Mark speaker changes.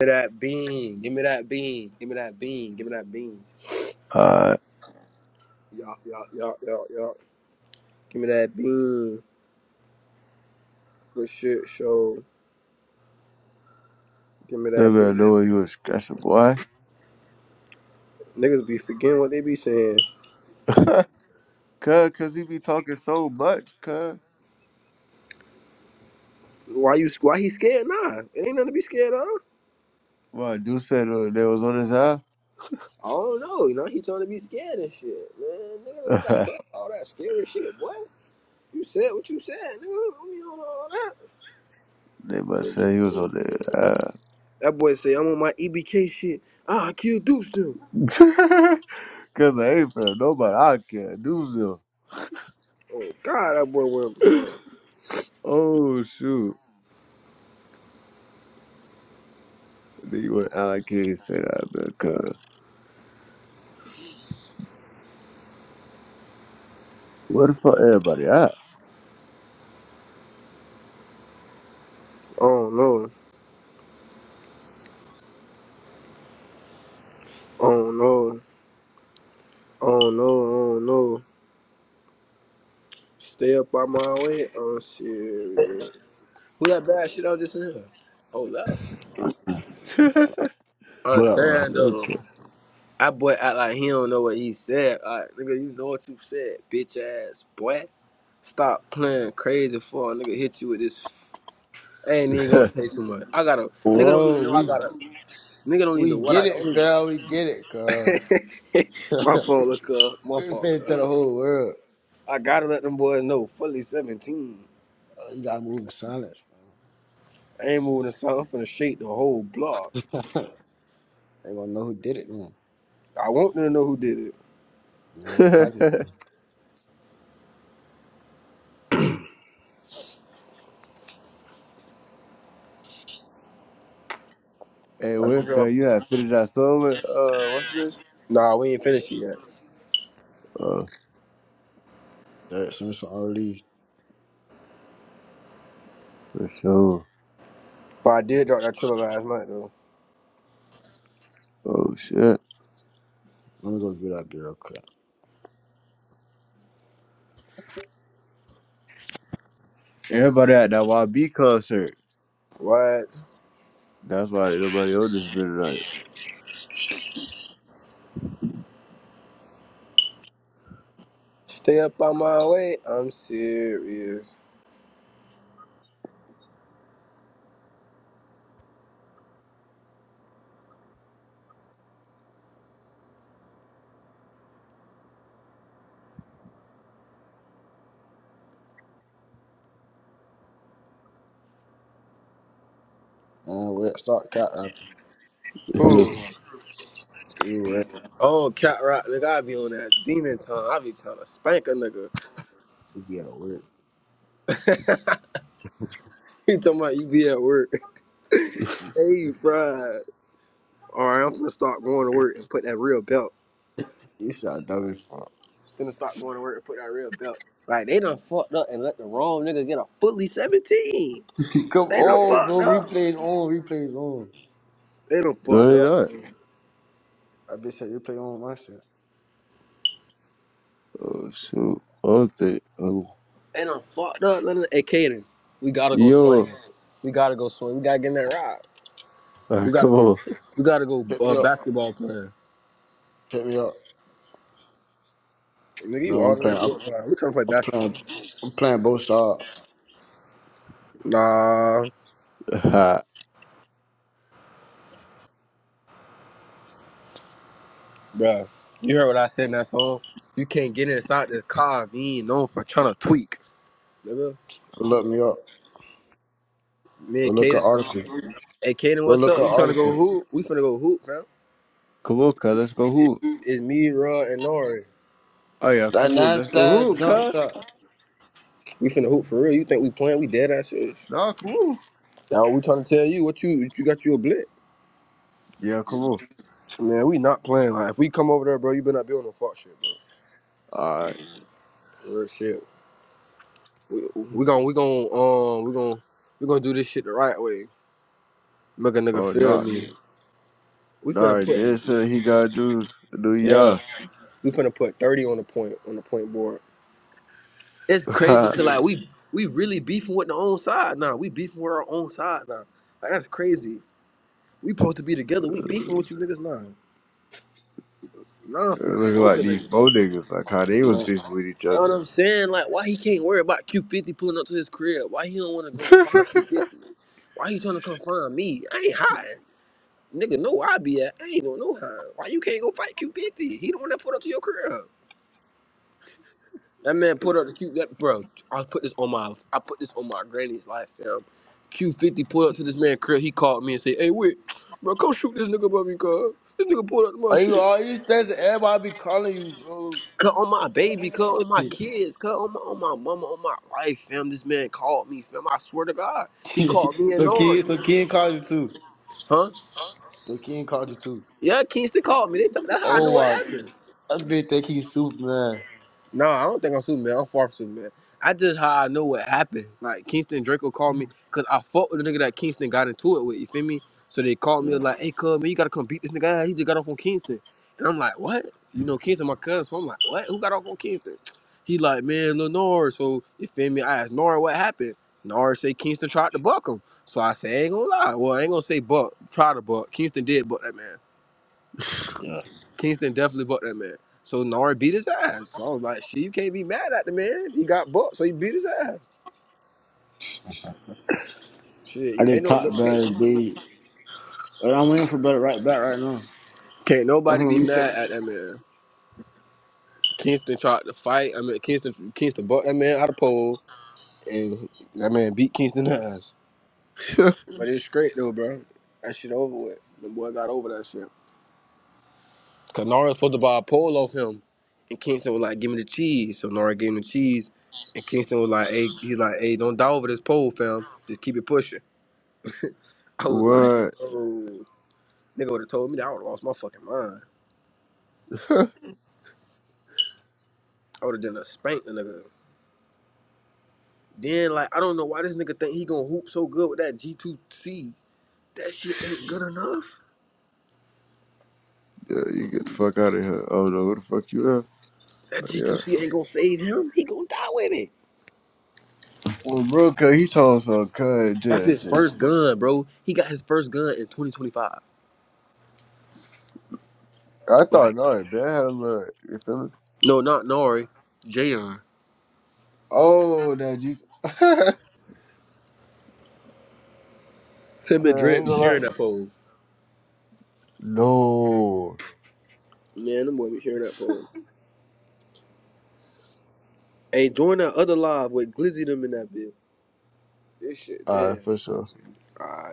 Speaker 1: Give me that bean. Give me that bean. Give me that bean. Give me that bean.
Speaker 2: Uh,
Speaker 1: Give me that bean. Good shit, show. Give me
Speaker 2: that
Speaker 1: that
Speaker 2: man know he
Speaker 1: bean.
Speaker 2: was stressing, boy.
Speaker 1: Niggas be forgetting what they be saying.
Speaker 2: Cuz, cuz he be talking so much, cuz.
Speaker 1: Why you? Why he scared? Nah, it ain't nothing to be scared of.
Speaker 2: Well, I do say uh, they was on his eye.
Speaker 1: I don't know. You know, he told to be scared and shit. Man, nigga ain't got to
Speaker 2: they
Speaker 1: talk all that scary shit. Boy, you said what you said, nigga. We don't know all that.
Speaker 2: must say he was on their eye.
Speaker 1: That boy say I'm on my EBK shit. Ah, I killed Deuce too.
Speaker 2: cuz I ain't for nobody. I can't do so.
Speaker 1: Oh God, that boy went. Man.
Speaker 2: Oh, shoot. Then you went, I can't say that, man, cuz. Where the fuck everybody at?
Speaker 1: Oh no. Oh no. Oh no. Oh no. Stay up on my way. I'm serious. Who that bad shit I was just in? Oh, love. I'm
Speaker 3: What up, bro?
Speaker 1: saying though,
Speaker 2: okay.
Speaker 1: that boy act like he don't know what he said. Like, nigga, you know what you said, bitch ass boy. Stop playing crazy for a nigga hit you with this. F- I ain't even gonna pay too much. I gotta, nigga don't even
Speaker 3: Whoa,
Speaker 1: know I
Speaker 3: we
Speaker 1: gotta, nigga don't even
Speaker 3: we
Speaker 1: know what
Speaker 3: get
Speaker 1: I
Speaker 3: it,
Speaker 1: only.
Speaker 3: fell. We get it, cuz.
Speaker 1: my
Speaker 3: we
Speaker 1: phone look up. My phone
Speaker 3: finna
Speaker 1: look
Speaker 3: tell
Speaker 1: up.
Speaker 3: the whole world.
Speaker 1: I gotta let them boys know, fully 17.
Speaker 3: Oh, you gotta move in silence.
Speaker 1: I ain't moving the song. I'm finna shake the whole block.
Speaker 3: They gonna know who did it now.
Speaker 1: I want them to know who did it.
Speaker 3: You don't want cocky.
Speaker 2: hey,
Speaker 1: A
Speaker 2: what,
Speaker 1: nigga. up.
Speaker 2: cuz, you had finished that song with, uh, what's it?
Speaker 1: Nah, we ain't finished it yet.
Speaker 2: Uh,
Speaker 3: That since I already.
Speaker 2: for sure.
Speaker 1: But I did drop that trailer last night though.
Speaker 2: Oh, shit.
Speaker 3: Let me go do that girl real quick.
Speaker 2: Everybody at that YB concert.
Speaker 1: What?
Speaker 2: That's why nobody on this been
Speaker 1: Stay up on my way. I'm serious.
Speaker 3: Man, wait, start cat after.
Speaker 2: tonight.
Speaker 1: Who?
Speaker 3: You wait.
Speaker 1: Oh, Cat Rock, nigga. I be on that demon time. I be trying to spank a nigga.
Speaker 3: You be at work.
Speaker 1: you talking about you be at work? hey, you fried. All right, I'm finna start going to work and put that real belt.
Speaker 3: This sound dumb as fuck.
Speaker 1: Finna start going to work and put that real belt. Like they done fucked up and let the wrong nigga get a fully 17.
Speaker 3: Come
Speaker 1: They done
Speaker 3: on,
Speaker 1: fucked
Speaker 3: bro.
Speaker 1: up.
Speaker 3: Replays on. Replays on.
Speaker 1: They done
Speaker 2: no,
Speaker 1: fucked
Speaker 2: they
Speaker 1: up.
Speaker 2: not.
Speaker 3: I bitch said replay on my shit.
Speaker 2: Oh shoot. I don't think. Oh.
Speaker 1: And I'm fucked up. Let me- Hey, Kaden, we gotta go
Speaker 2: Yo,
Speaker 1: swinging. We gotta go swing. We gotta get in that ride. We
Speaker 2: Alright,
Speaker 1: gotta
Speaker 2: come
Speaker 1: go.
Speaker 2: on.
Speaker 1: We gotta go
Speaker 3: Pick me
Speaker 1: uh,
Speaker 3: up.
Speaker 1: basketball playing.
Speaker 3: Pick me up.
Speaker 1: Nigga, you
Speaker 3: No, I'm
Speaker 1: all the way in
Speaker 3: playing. I'm,
Speaker 1: Fort Browd. We trying to play
Speaker 3: I'm
Speaker 1: basketball.
Speaker 3: playing. I'm playing both sides.
Speaker 1: Nah, bruh. You heard what I said in that song? You can't get inside this car if you ain't known for trying to tweak, nigga.
Speaker 3: Look me up.
Speaker 1: Me
Speaker 3: Or
Speaker 1: and
Speaker 3: Look at
Speaker 1: Kaden. finna-
Speaker 3: article.
Speaker 1: Hey, Kaden,
Speaker 3: Go
Speaker 1: what's
Speaker 3: look at
Speaker 1: up? You trying to go
Speaker 3: articles.
Speaker 1: hoop? We finna go hoop, fam.
Speaker 2: come on, cuz. Let's go hoop.
Speaker 1: It's me, Rod, and Nori.
Speaker 2: Oh yeah, come
Speaker 3: That
Speaker 2: on. Let's go
Speaker 3: nasty
Speaker 2: hoop,
Speaker 3: jump
Speaker 2: cuz.
Speaker 3: shot.
Speaker 1: We finna hoop for real. You think we playing? We dead ass serious.
Speaker 2: Nah, come on.
Speaker 1: Now we trying to tell you what you what you got you a blitz.
Speaker 2: Yeah, come on.
Speaker 1: Man, we not playing. Like, if we come over there, bro, you better not be on no fuck shit, bro.
Speaker 2: Alright.
Speaker 1: Real shit. We we gon' we gon' um we gon' we gon' do this shit the right way. Make a nigga
Speaker 2: Oh
Speaker 1: feel
Speaker 2: no. Nah,
Speaker 1: me. We finna
Speaker 2: nah,
Speaker 1: put
Speaker 2: that's what he gotta do. New
Speaker 1: yeah.
Speaker 2: York.
Speaker 1: We finna put thirty on the point on the point board. It's crazy cause
Speaker 2: Looking
Speaker 1: like we we really beefing with the own side now. We beefing with our own side now. Like that's crazy. We supposed to be together. We beefing with you niggas now. Nah, I'm finna smoke a
Speaker 2: like these
Speaker 1: nigga.
Speaker 2: four niggas, like how they was
Speaker 3: Man.
Speaker 2: beefing with each
Speaker 1: That's what
Speaker 2: other.
Speaker 1: I'm saying. Like, why he can't worry about Q50 pulling up to his crib? Why he don't want to go find Q50? Why he trying to come find me? I ain't hiding. Nigga, know where I be at. I ain't doing no hiding. Why you can't go fight Q50? He the one that pulled up to your crib. That man put up the Q. That bro, I put this on my, I put this on my granny's life, fam. Q50 pulled up to this man crib. He called me and said, "Hey, wait, bro, come shoot this nigga above me, cuz. This nigga pulled up to my
Speaker 3: Are you
Speaker 1: shit."
Speaker 3: all you stats everybody be calling you, bro?
Speaker 1: Cut on my baby, cut on my kids, cut on my, on my mama, on my life, fam. This man called me, fam. I swear to God, he called me and
Speaker 3: so
Speaker 1: Nori,
Speaker 3: kid, so kid called you too.
Speaker 1: huh?
Speaker 3: So kid called you too.
Speaker 1: Yeah, Kingston called me. They t- that's how I knew
Speaker 3: Oh
Speaker 1: what
Speaker 3: my,
Speaker 1: happened.
Speaker 3: that bitch think you Superman.
Speaker 1: No, I don't think I'm Superman. I'm far from Superman. I just how I know what happened. Like Kingston Draco called me because I fought with the nigga that Kingston got into it with. You feel me? So they called me
Speaker 3: Yeah,
Speaker 1: like, "Hey, cuz man, you gotta come beat this nigga. out. He just got off on Kingston." And I'm like, "What?" You know, Kingston my cousin. So I'm like, "What? Who got off on Kingston?" He like, "Man, Lil Nor." So you feel me? I asked Nor what happened. Nor say Kingston tried to buck him. So I say, "I "Ain't gonna lie. Well, I ain't gonna say buck. Try to buck. Kingston did buck that man."
Speaker 3: yeah.
Speaker 1: Kingston definitely booked that man. So Nard beat his ass. So I was like, shit, you can't be mad at the man. He got booked, so he beat his ass. Shit,
Speaker 3: I
Speaker 1: you ain't
Speaker 3: just
Speaker 1: no no-
Speaker 3: talked
Speaker 1: can't,
Speaker 3: about it, dude. But I'm waiting for better right back right now.
Speaker 1: can't
Speaker 3: Hold
Speaker 1: nobody
Speaker 3: on,
Speaker 1: be
Speaker 3: let me check.
Speaker 1: mad at that man. Kingston tried to fight. I mean, Kingston Kingston booked that man out of pole, and that man beat Kingston's ass. But it's straight though, bro. That shit over with. The boy got over that shit. Cause Nard was supposed to buy a pole off him, and Kingston was like, "Give me the cheese." So Nard gave him the cheese, and Kingston was like, "Hey, he's like, hey, don't die over this pole, fam. Just keep it pushing." I was like,
Speaker 2: what?
Speaker 1: oh, nigga would have told me that I would have lost my fucking mind. I would have done a spank the nigga. Then like I don't know why this nigga think he gonna hoop so good with that G2C. That shit ain't good enough.
Speaker 2: Yeah, you get the fuck out of here. I don't know who the fuck you are.
Speaker 1: That
Speaker 2: Yeah.
Speaker 1: G2C ain't gonna save him. He gonna die with it.
Speaker 2: Well, bro, cause he told us so cuz
Speaker 1: That's
Speaker 2: just,
Speaker 1: his
Speaker 2: just
Speaker 1: first gun, bro. He got his first gun in 2025.
Speaker 2: I thought
Speaker 1: Like,
Speaker 2: no, it bad had a look. You feel me?
Speaker 1: no, not Nari, Jayon.
Speaker 2: Oh, that Jesus. cuz I ain't
Speaker 1: Him and Dredd be
Speaker 2: gonna lie.
Speaker 1: sharing that pole.
Speaker 2: No.
Speaker 1: Man, them boy be sharing that pole. Hey, join that other live with Glizzy them in that bitch. This shit,
Speaker 2: Alright,
Speaker 1: damn.
Speaker 2: for sure.
Speaker 1: All right.